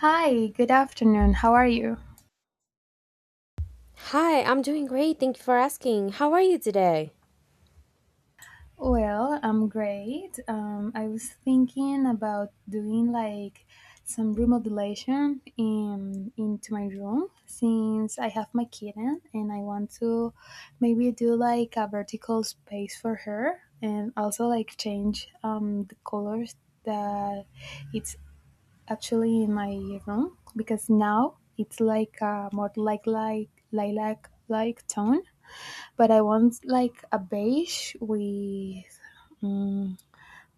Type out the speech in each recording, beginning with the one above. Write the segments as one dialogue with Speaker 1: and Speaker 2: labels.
Speaker 1: Hi, good afternoon. How are you?
Speaker 2: Hi, I'm doing great. Thank you for asking. How are you today?
Speaker 1: Well, I'm great. I was thinking about doing like some remodelation in into my room since I have my kitten and I want to maybe do like a vertical space for her and also like change the colors that it's actually in my room because now it's like a more like lilac like tone but I want like a beige with mm,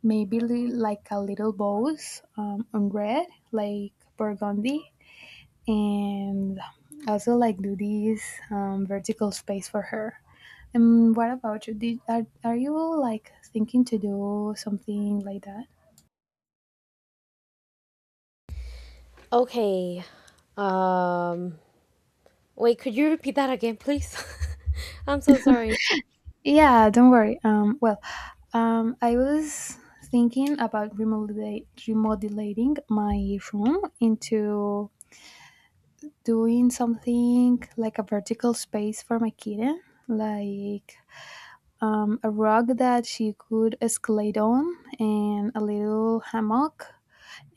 Speaker 1: maybe like a little bows on red, like burgundy, and also like do this vertical space for her. And what about you? Are you like thinking to do something like that?
Speaker 2: Okay. Um, wait, could you repeat that again, please? I'm so sorry.
Speaker 1: Yeah, don't worry. I was thinking about remodelating my room into doing something like a vertical space for my kitten, like a rug that she could escalate on, and a little hammock,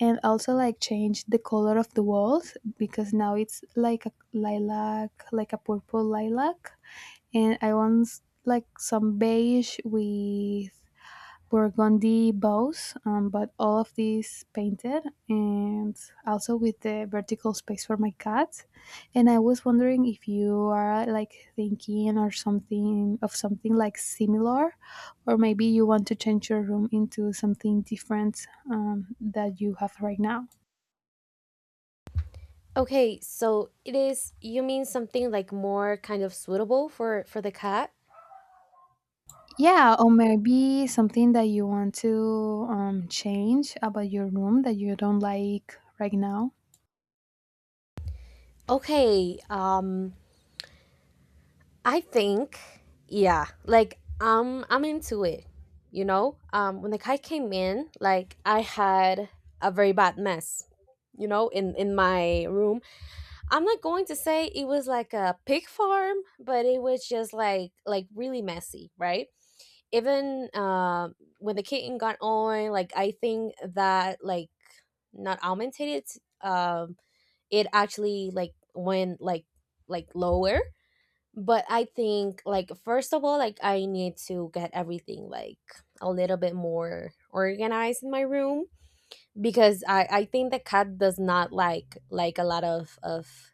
Speaker 1: and also like change the color of the walls because now it's like a lilac, like a purple lilac, and I want like some beige with Burgundy bows, but all of these painted and also with the vertical space for my cat. And I was wondering if you are like thinking or something of something like similar, or maybe you want to change your room into something different that you have right now.
Speaker 2: Okay, so it is you mean something like more kind of suitable for the cat?
Speaker 1: Yeah, or maybe something that you want to change about your room that you don't like right now.
Speaker 2: Okay, I think yeah, like I'm into it. You know? When the cat came in, like I had a very bad mess, you know, in my room. I'm not going to say it was like a pig farm, but it was just like really messy, right? Even when the kitten got on, like I think that like not augmented, um, it actually like went like lower. But I think like first of all, like I need to get everything like a little bit more organized in my room because I think the cat does not like a lot of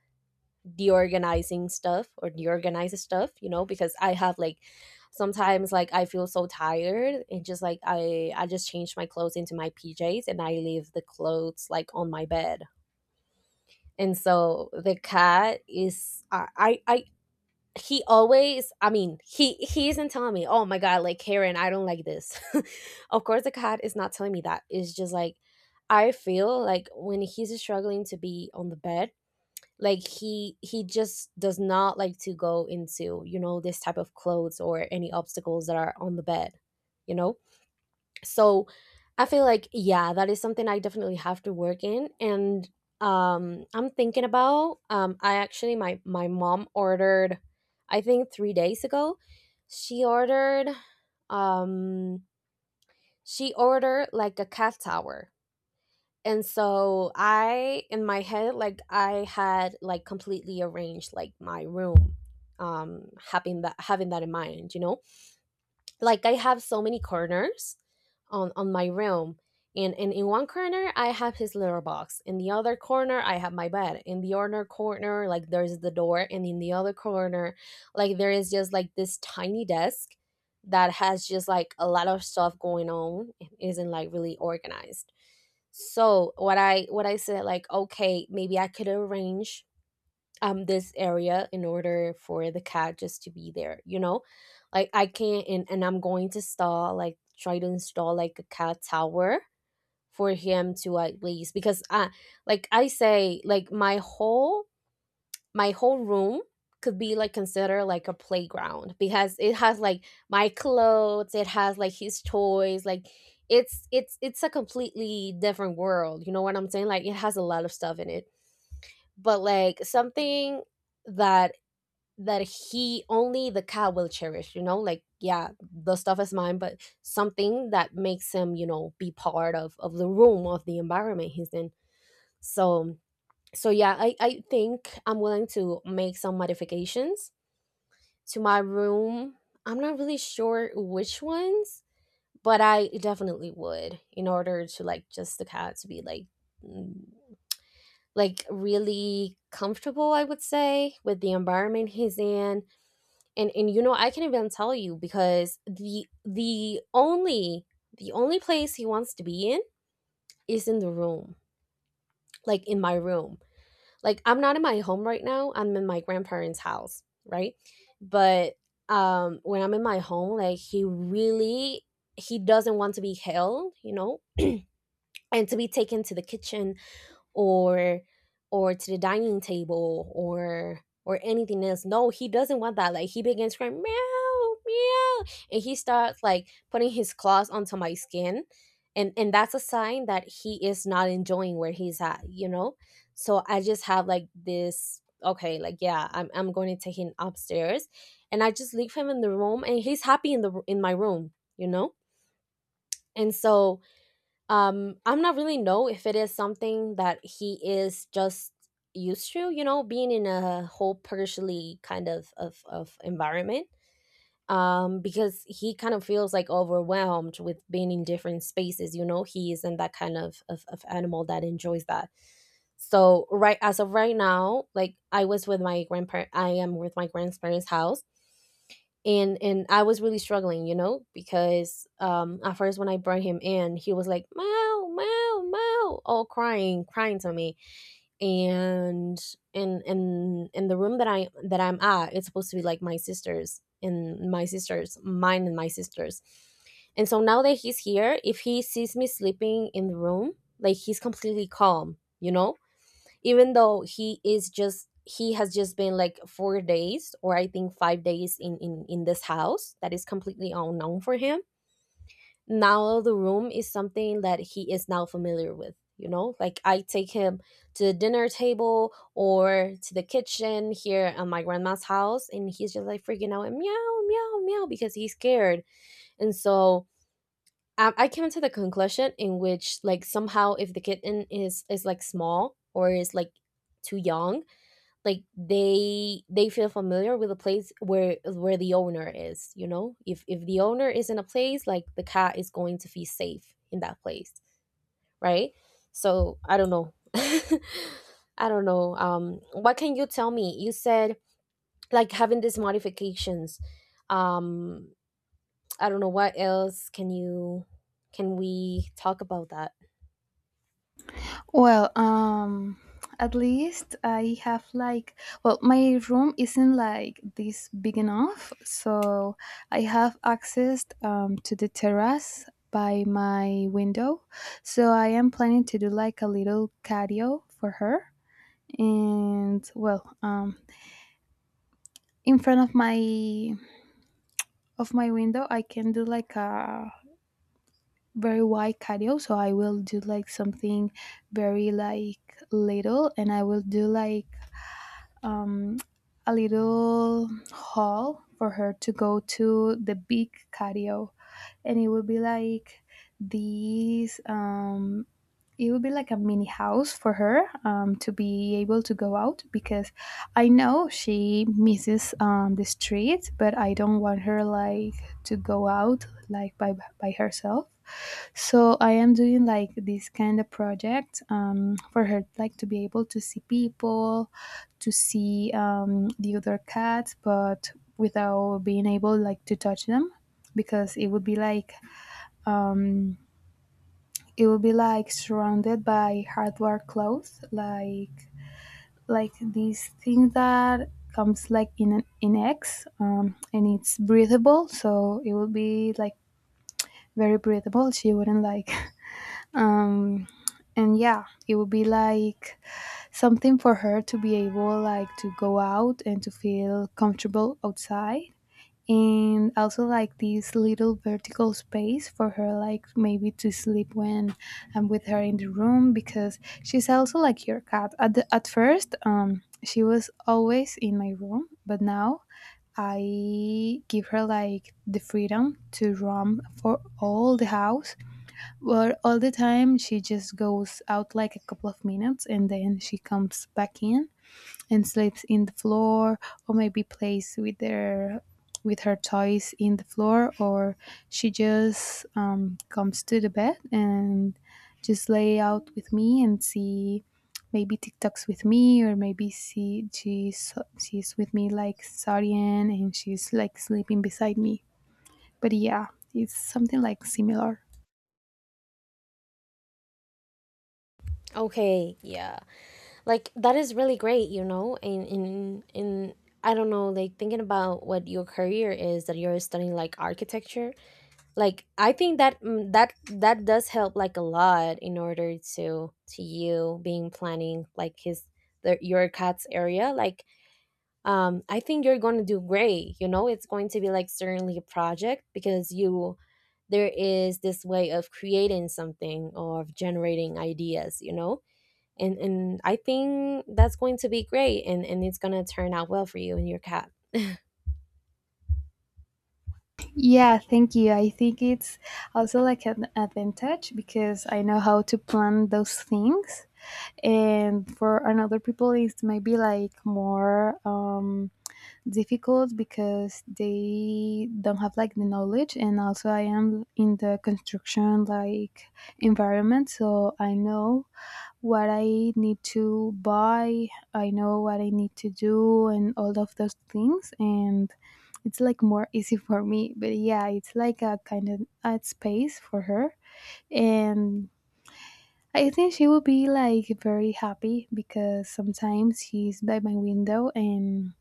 Speaker 2: deorganizing stuff or deorganize stuff, you know, because I have like sometimes like I feel so tired and just like I just change my clothes into my PJs and I leave the clothes like on my bed. And so the cat is I, he always I mean he isn't telling me, "Oh my god, like Karen, I don't like this." Of course the cat is not telling me that. It's just like I feel like when he's struggling to be on the bed, like he just does not like to go into you know this type of clothes or any obstacles that are on the bed, you know. So I feel like yeah, that is something I definitely have to work in. And I'm thinking about I actually, my mom ordered, I think three days ago, she ordered, um she ordered like a cat tower. And so I in my head like I had like completely arranged like my room, having that in mind, you know. Like I have so many corners on my room. And in one corner I have his litter box, in the other corner I have my bed, in the other corner like there's the door, and in the other corner like there is just like this tiny desk that has just like a lot of stuff going on. It isn't like really organized. So what I said like, okay, maybe I could arrange this area in order for the cat just to be there, you know. Like I can't, and I'm going to install like try to install like a cat tower for him, to at least because I, like I say, like my whole room could be like considered like a playground because it has like my clothes, it has like his toys, like it's a completely different world, you know what I'm saying, like it has a lot of stuff in it. But like something that he only, the cat, will cherish, you know, like yeah, the stuff is mine, but something that makes him you know be part of the room, of the environment he's in. So so yeah, I think I'm willing to make some modifications to my room. I'm not really sure which ones, but I definitely would, in order to like just the cat to be like mm, like really comfortable, I would say, with the environment he's in. And you know I can even tell you, because the the only place he wants to be in is in the room, like in my room. Like I'm not in my home right now. I'm in my grandparents' house, right? But when I'm in my home, like he really he doesn't want to be held, you know, and to be taken to the kitchen, or to the dining table, or anything else. No, he doesn't want that. Like he begins crying, meow meow, and he starts like putting his claws onto my skin, and that's a sign that he is not enjoying where he's at. You know, so I just have like this, okay, like yeah, I'm going to take him upstairs, and I just leave him in the room, and he's happy in the in my room. You know, and so I'm not really know if it is something that he is just used to, you know, being in a whole, partially kind of of environment, because he kind of feels like overwhelmed with being in different spaces, you know, he isn't that kind of of animal that enjoys that. So right, as of right now, like I am with my grandparents house, and I was really struggling, you know, because at first when I brought him in, he was like meow meow meow, all crying, crying to me, and and in the room that I that I'm at, it's supposed to be like my sister's and my sister's, mine and my sister's, and so now that he's here, if he sees me sleeping in the room, like he's completely calm, you know, even though he is just he has just been like 4 days, or I think 5 days, in this house that is completely unknown for him. Now the room is something that he is now familiar with, you know, like I take him to the dinner table or to the kitchen here at my grandma's house, and he's just like freaking out and meow meow meow because he's scared. And so I came to the conclusion in which like somehow if the kitten is like small or is like too young, like they feel familiar with the place where the owner is, you know, if the owner is in a place, like the cat is going to feel safe in that place, right? So I don't know, I don't know, what can you tell me, you said, like having these modifications. um I don't know what else can you, can we talk about that?
Speaker 1: Well, at least I have like, well, my room isn't like this big enough, so I have access to the terrace by my window. So I am planning to do like a little cardio for her. And well, in front of my window, I can do like a very wide cardio. So I will do like something very like little, and I will do like um, a little hall for her to go to the big cardio and it would be like these it would be like a mini house for her to be able to go out because I know she misses the street but I don't want her like to go out like by herself. So I am doing like this kind of project for her, like to be able to see people, to see the other cats, but without being able like to touch them, because it would be like um, it would be like surrounded by hardware clothes, like this thing that comes like in an in eggs, and it's breathable, so it would be like very breathable. She wouldn't like um and yeah it would be like something for her to be able like to go out and to feel comfortable outside and also like this little vertical space for her like maybe to sleep when I'm with her in the room because she's also like your cat at first she was always in my room but now I give her like the freedom to roam for all the house. Well, all the time she just goes out like a couple of minutes and then she comes back in and sleeps in the floor or maybe plays with their with her toys in the floor or she just comes to the bed and just lay out with me and see maybe TikToks with me or maybe see she's with me like Sarian and she's like sleeping beside me. But yeah, it's something like similar.
Speaker 2: Okay, yeah, like that is really great, you know. In I don't know, like thinking about what your career is that you're studying, like architecture, like I think that that does help like a lot in order to you being planning like your cat's area, like, I think you're going to do great, you know. It's going to be like certainly a project, because you there is this way of creating something or of generating ideas, you know. And I think that's going to be great, and it's going to turn out well for you and your cat.
Speaker 1: Yeah, thank you. I think it's also like an advantage because I know how to plan those things. And for another people, it's maybe like more difficult because they don't have like the knowledge. And also, I am in the construction like environment, so I know what I need to buy, I know what I need to do, and all of those things. And it's like more easy for me. But yeah, it's like a kind of a space for her. And I think she will be like very happy because sometimes she's by my window and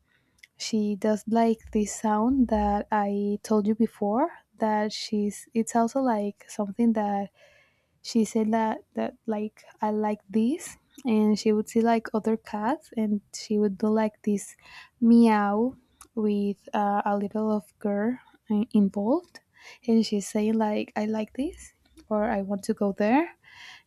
Speaker 1: she does like this sound that I told you before that she's it's also like something that she said that like I like this, and she would see like other cats, and she would do like this meow with a little of girl involved, and she's saying like I like this or I want to go there,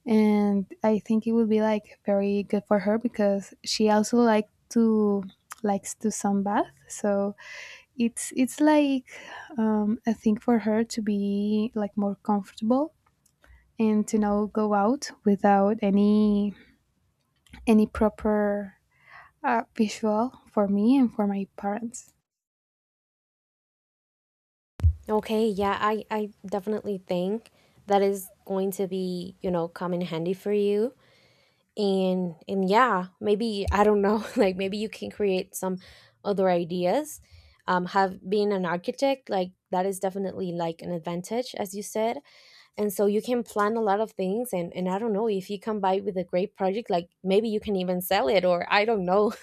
Speaker 1: and I think it would be like very good for her because she also likes to sunbathe so it's like a thing for her to be like more comfortable and to now go out without any any proper visual for me and for my parents.
Speaker 2: Okay, yeah, I definitely think that is going to be, you know, come in handy for you. And yeah, maybe I don't know, like maybe you can create some other ideas. Have being an architect, like that is definitely like an advantage, as you said. And so you can plan a lot of things, and I don't know, if you come by with a great project, like maybe you can even sell it, or I don't know,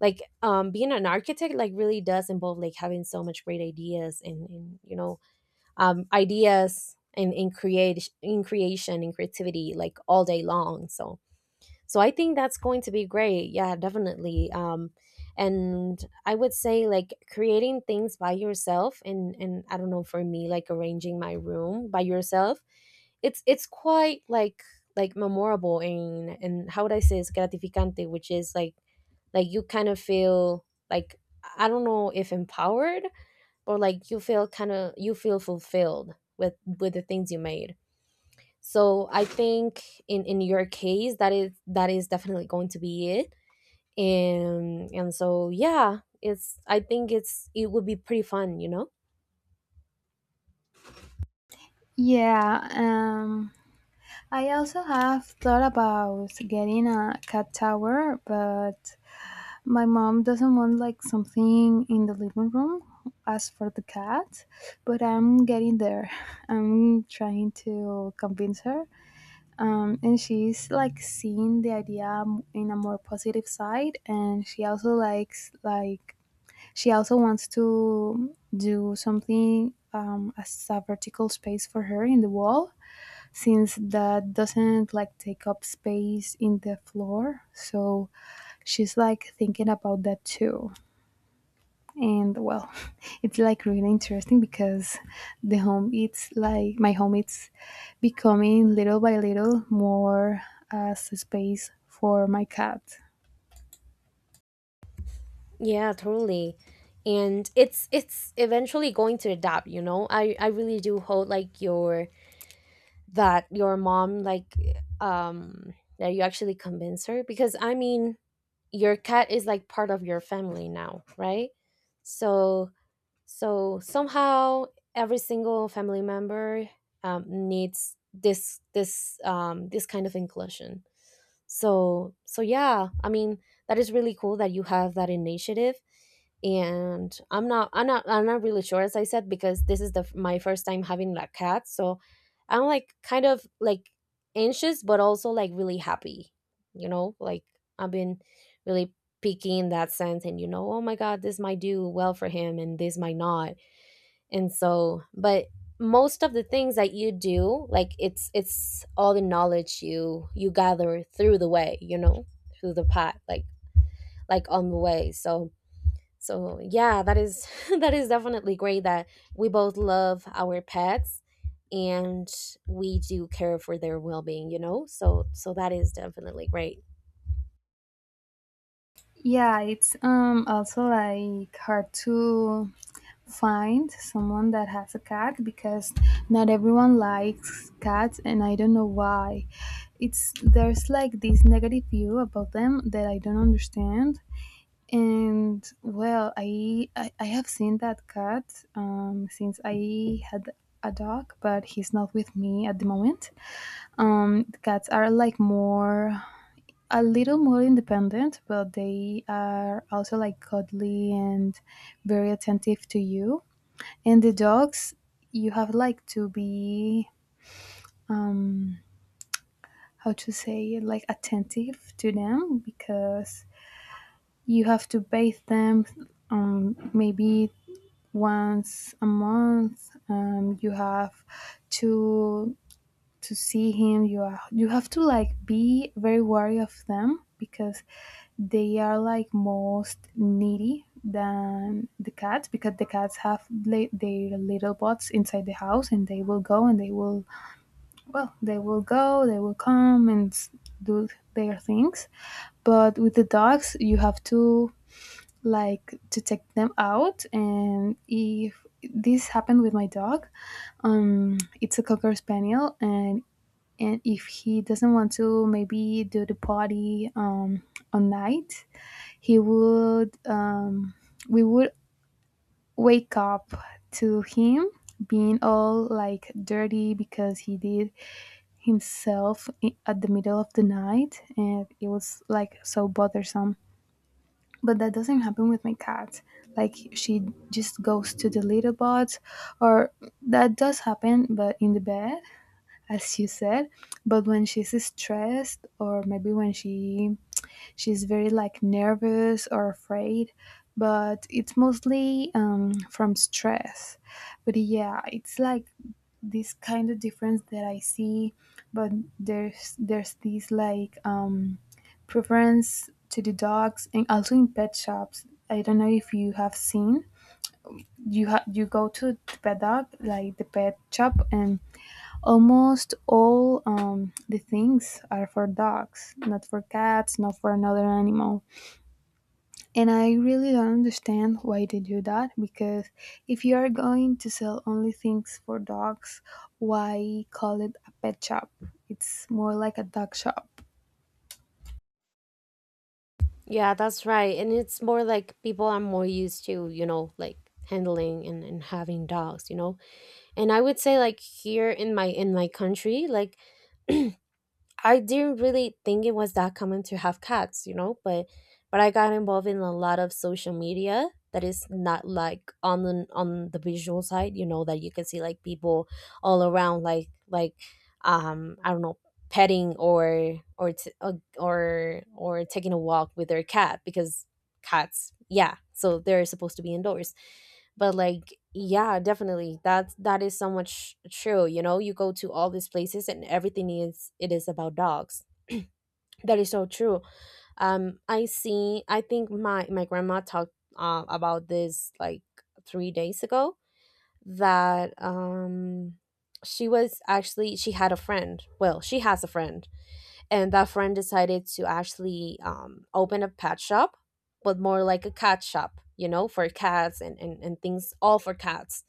Speaker 2: like, being an architect like really does involve like having so much great ideas, and you know, ideas and in create in creation and creativity like all day long. So so I think that's going to be great, yeah, definitely. And I would say like creating things by yourself, and I don't know, for me like arranging my room by yourself, it's quite like memorable, and how would I say, it's gratificante, which is like you kind of feel like, I don't know, if empowered, or like you feel kind of you feel fulfilled with the things you made. So I think in your case that is definitely going to be it. And so yeah, it's I think it's, it would be pretty fun, you know.
Speaker 1: Yeah, I also have thought about getting a cat tower, but my mom doesn't want like something in the living room as for the cat. But I'm getting there. I'm trying to convince her, and she's like seeing the idea in a more positive side and she also likes like she also wants to do something as a vertical space for her in the wall since that doesn't like take up space in the floor so she's like thinking about that too. And well, it's like really interesting because the home it's like my home it's becoming little by little more as a space for my cat.
Speaker 2: Yeah, totally. And it's eventually going to adapt, you know. I really do hope like your that your mom like, um that you actually convince her, because I mean your cat is like part of your family now, right? So so somehow every single family member needs this this kind of inclusion. So so yeah, I mean that is really cool that you have that initiative. And I'm not really sure, as I said, because this is the my first time having a cat, so I'm like kind of like anxious but also like really happy, you know, like I've been really picky in that sense, and you know, oh my god, this might do well for him and this might not. And so but most of the things that you do, like it's all the knowledge you gather through the way, you know, through the path, like on the way. So so yeah, that is that is definitely great that we both love our pets and we do care for their well-being, you know. So so that is definitely great.
Speaker 1: Yeah, it's also like hard to find someone that has a cat because not everyone likes cats and I don't know why it's there's like this negative view about them that I don't understand. And well, I have seen that cat since I had a dog, but he's not with me at the moment. The cats are like more a little more independent, but they are also like cuddly and very attentive to you. And the dogs, you have like to be how to say it, like attentive to them because you have to bathe them maybe once a month, you have to to see him you are you have to like be very wary of them because they are like most needy than the cats because the cats have their little bots inside the house and they will go and they will, well they will go they will come and do their things. But with the dogs you have to like to take them out and if this happened with my dog, it's a cocker spaniel, and if he doesn't want to maybe do the potty on night he would we would wake up to him being all like dirty because he did himself, at the middle of the night and it was like so bothersome. But that doesn't happen with my cat, like she just goes to the litter box, or that does happen but in the bed as you said, but when she's stressed or maybe when she she's very like nervous or afraid but it's mostly from stress. But yeah, it's like this kind of difference that I see, but there's this like preference to the dogs and also in pet shops, I don't know if you have seen you have you go to the pet dog like the pet shop and almost all the things are for dogs, not for cats, not for another animal, and I really don't understand why they do that because if you are going to sell only things for dogs why call it a pet shop? It's more like a dog shop.
Speaker 2: Yeah, that's right. And it's more like people are more used to, you know, like handling and having dogs, you know. And I would say like here in my country, like I didn't really think it was that common to have cats, you know, but I got involved in a lot of social media that is not like on the visual side, you know, that you can see like people all around like I don't know, petting or or taking a walk with their cat. Because cats, yeah, so they're supposed to be indoors. But like yeah, definitely that's that is so much true, you know. You go to all these places and everything is it is about dogs. That is so true. I see, I think my my grandma talked about this like 3 days ago. That she was actually she had a friend, well, she has a friend, and that friend decided to actually open a pet shop, but more like a cat shop, you know, for cats and things all for cats.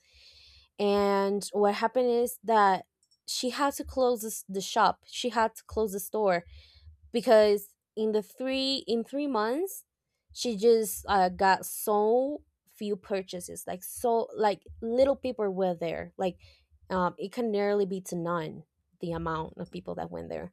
Speaker 2: And what happened is that she had to close this, the shop, she had to close the store, because in the 3 months she just got so few purchases, like so like little people were there, like it can nearly be to none the amount of people that went there.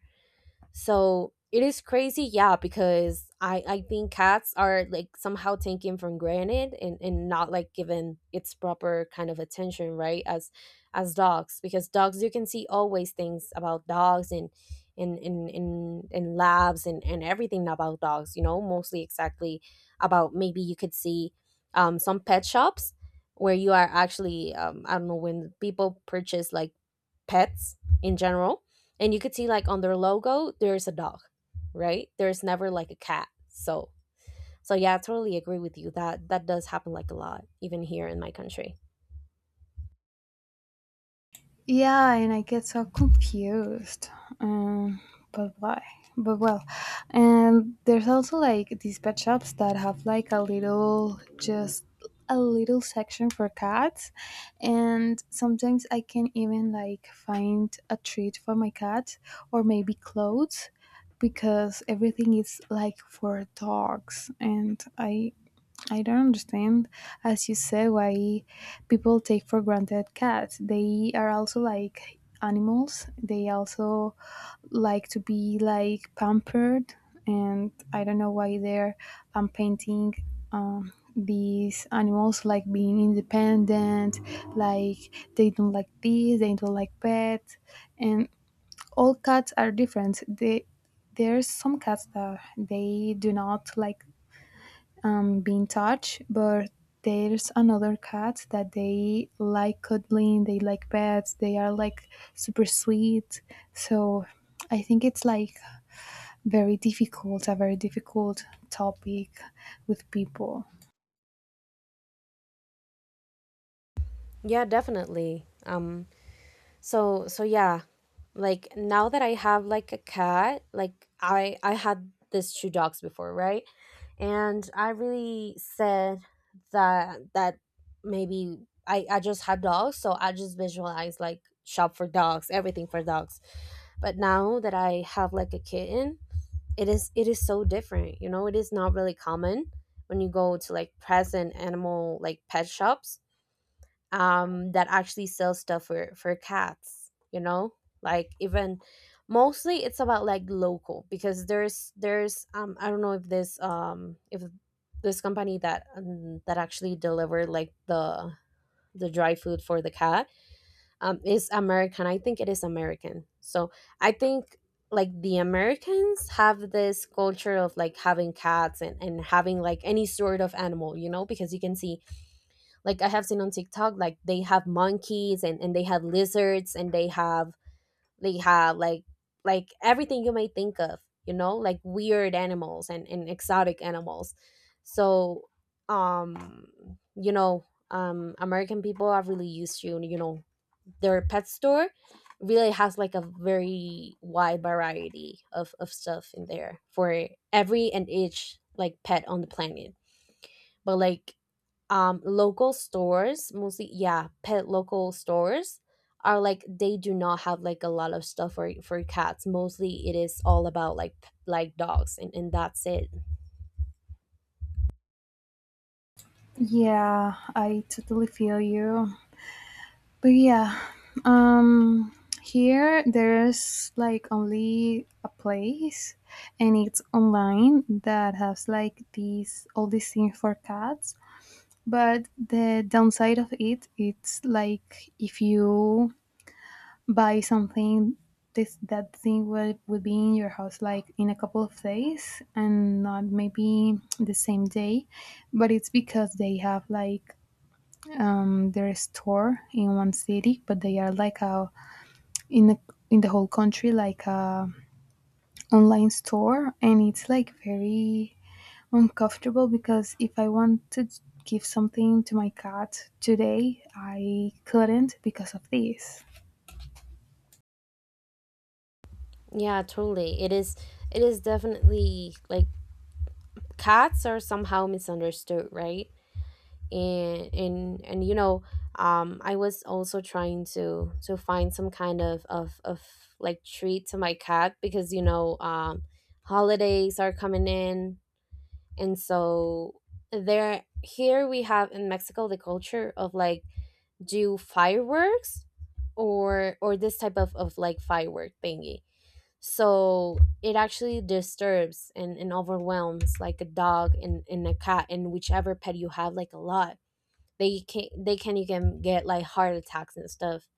Speaker 2: So it is crazy, yeah, because I think cats are like somehow taken for granted and not like given its proper kind of attention, right? As dogs. Because dogs you can see always things about dogs, and in labs and everything about dogs, you know, mostly exactly. About maybe you could see some pet shops where you are actually I don't know, when people purchase like pets in general, and you could see like on their logo there's a dog, right? There's never like a cat. So so yeah, I totally agree with you that that does happen like a lot, even here in my country.
Speaker 1: Yeah, and I get so confused. Um, but why? But well, and there's also like these pet shops that have like a little, just a little section for cats, and sometimes I can even like find a treat for my cat or maybe clothes because everything is like for dogs, and I don't understand, as you said, why people take for granted cats. They are also like animals. They also like to be like pampered, and I don't know why they're painting these animals like being independent, like they don't like this, they don't like pets, and all cats are different. They there's some cats that they do not like been touched, but there's another cat that they like cuddling, they like pets, they are like super sweet. So I think it's like very difficult, a very difficult topic with people.
Speaker 2: Yeah, definitely. So so yeah, like now that I have like a cat, like I had this two dogs before, right? And I really said that that maybe I just had dogs, so I just visualized like shop for dogs, everything for dogs. But now that I have like a kitten, it is so different, you know. It is not really common when you go to like present animal, like pet shops that actually sells stuff for cats, you know. Like even mostly it's about like local, because there's I don't know if this company that that actually delivered like the dry food for the cat is American, I think it is American. So I think like the Americans have this culture of like having cats and having like any sort of animal, you know, because you can see, like I have seen on TikTok, like they have monkeys and they have lizards and they have like everything you may think of, you know, like weird animals and exotic animals. So um you know, American people are really used to, you know, their pet store really has like a very wide variety of stuff in there for every and each like pet on the planet. But like local stores, mostly, yeah, pet local stores are like, they do not have like a lot of stuff for cats. Mostly it is all about like like dogs and that's it.
Speaker 1: Yeah, I totally feel you. But yeah, um, here there's like only a place and it's online that has like these all these things for cats. But the downside of it, it's like if you buy something, this that thing will be in your house like in a couple of days and not maybe the same day. But it's because they have like their store in one city, but they are like a in a, in the whole country like a online store, and it's like very uncomfortable because if I wanted to give something to my cat today, I couldn't because of this.
Speaker 2: Yeah, totally. It is it is definitely like cats are somehow misunderstood, right? And you know, I was also trying to find some kind of like treat to my cat, because you know, holidays are coming in. And so there, here we have in Mexico the culture of like do fireworks, or this type of like firework thingy. So it actually disturbs and overwhelms like a dog and a cat and whichever pet you have like a lot. They can they can even get like heart attacks and stuff.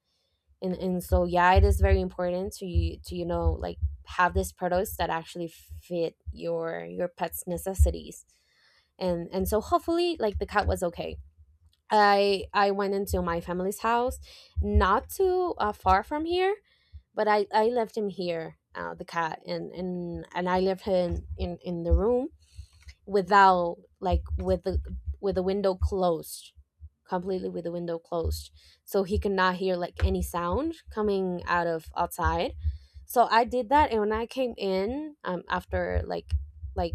Speaker 2: And so yeah, it is very important to you know, like have these products that actually fit your pet's necessities. And so hopefully like the cat was okay. I went into my family's house, not too far from here, but I left him here, the cat, and I left him in the room, without like with the window closed, completely with the window closed, so he could not hear like any sound coming out of outside. So I did that, and when I came in after like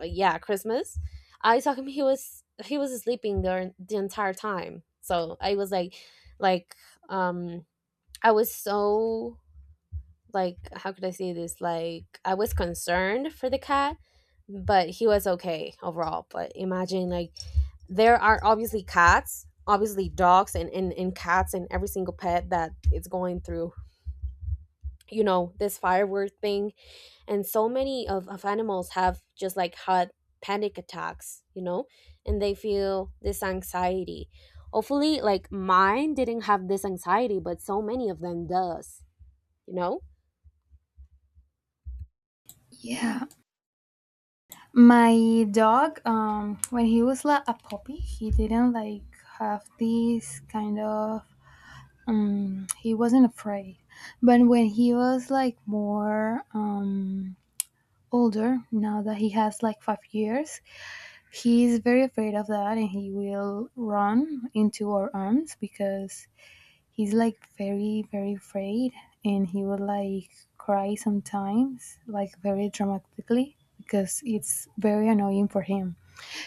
Speaker 2: yeah, Christmas, I saw him, he was sleeping the entire time. So I was like um I was so like, how could I say this? Like I was concerned for the cat, but he was okay overall. But imagine like there are obviously cats, obviously dogs and cats and every single pet that is going through, you know, this firework thing. And so many of animals have just like had panic attacks, you know, and they feel this anxiety. Hopefully like mine didn't have this anxiety, but so many of them does, you know?
Speaker 1: Yeah, my dog, when he was like a puppy, he didn't like have this kind of. He wasn't afraid, but when he was like more older, now that he has like 5 years, he's very afraid of that, and he will run into our arms because he's like very very afraid and he would like cry sometimes like very dramatically because it's very annoying for him.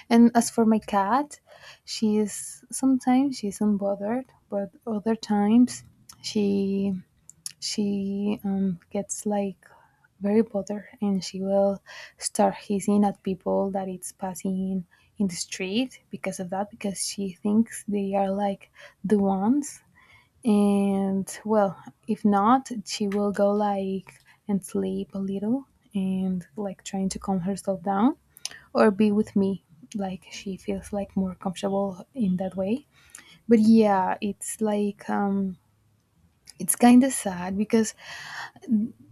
Speaker 1: And as for my cat, she is sometimes she's unbothered but other times she she gets like very bothered and she will start hissing at people that it's passing in the street because of that because she thinks they are like the ones. And well, if not, she will go like and sleep a little and like trying to calm herself down or be with me. Like she feels like more comfortable in that way. But yeah, it's like it's kind of sad because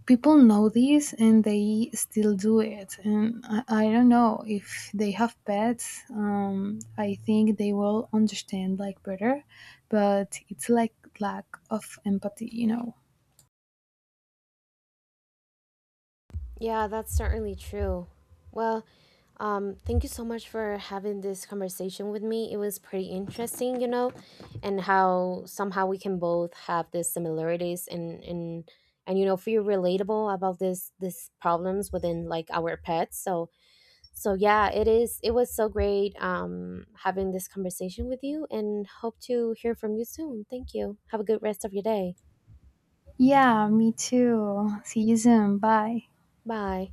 Speaker 1: people know this and they still do it and I don't know if they have pets, I think they will understand like better, but it's like lack of empathy you know.
Speaker 2: Yeah, that's certainly true. Well, thank you so much for having this conversation with me. It was pretty interesting, you know, and how somehow we can both have these similarities and you know feel relatable about this this problems within like our pets. So so yeah, it is. It was so great having this conversation with you, and hope to hear from you soon. Thank you. Have a good rest of your day.
Speaker 1: Yeah, me too. See you soon. Bye.
Speaker 2: Bye.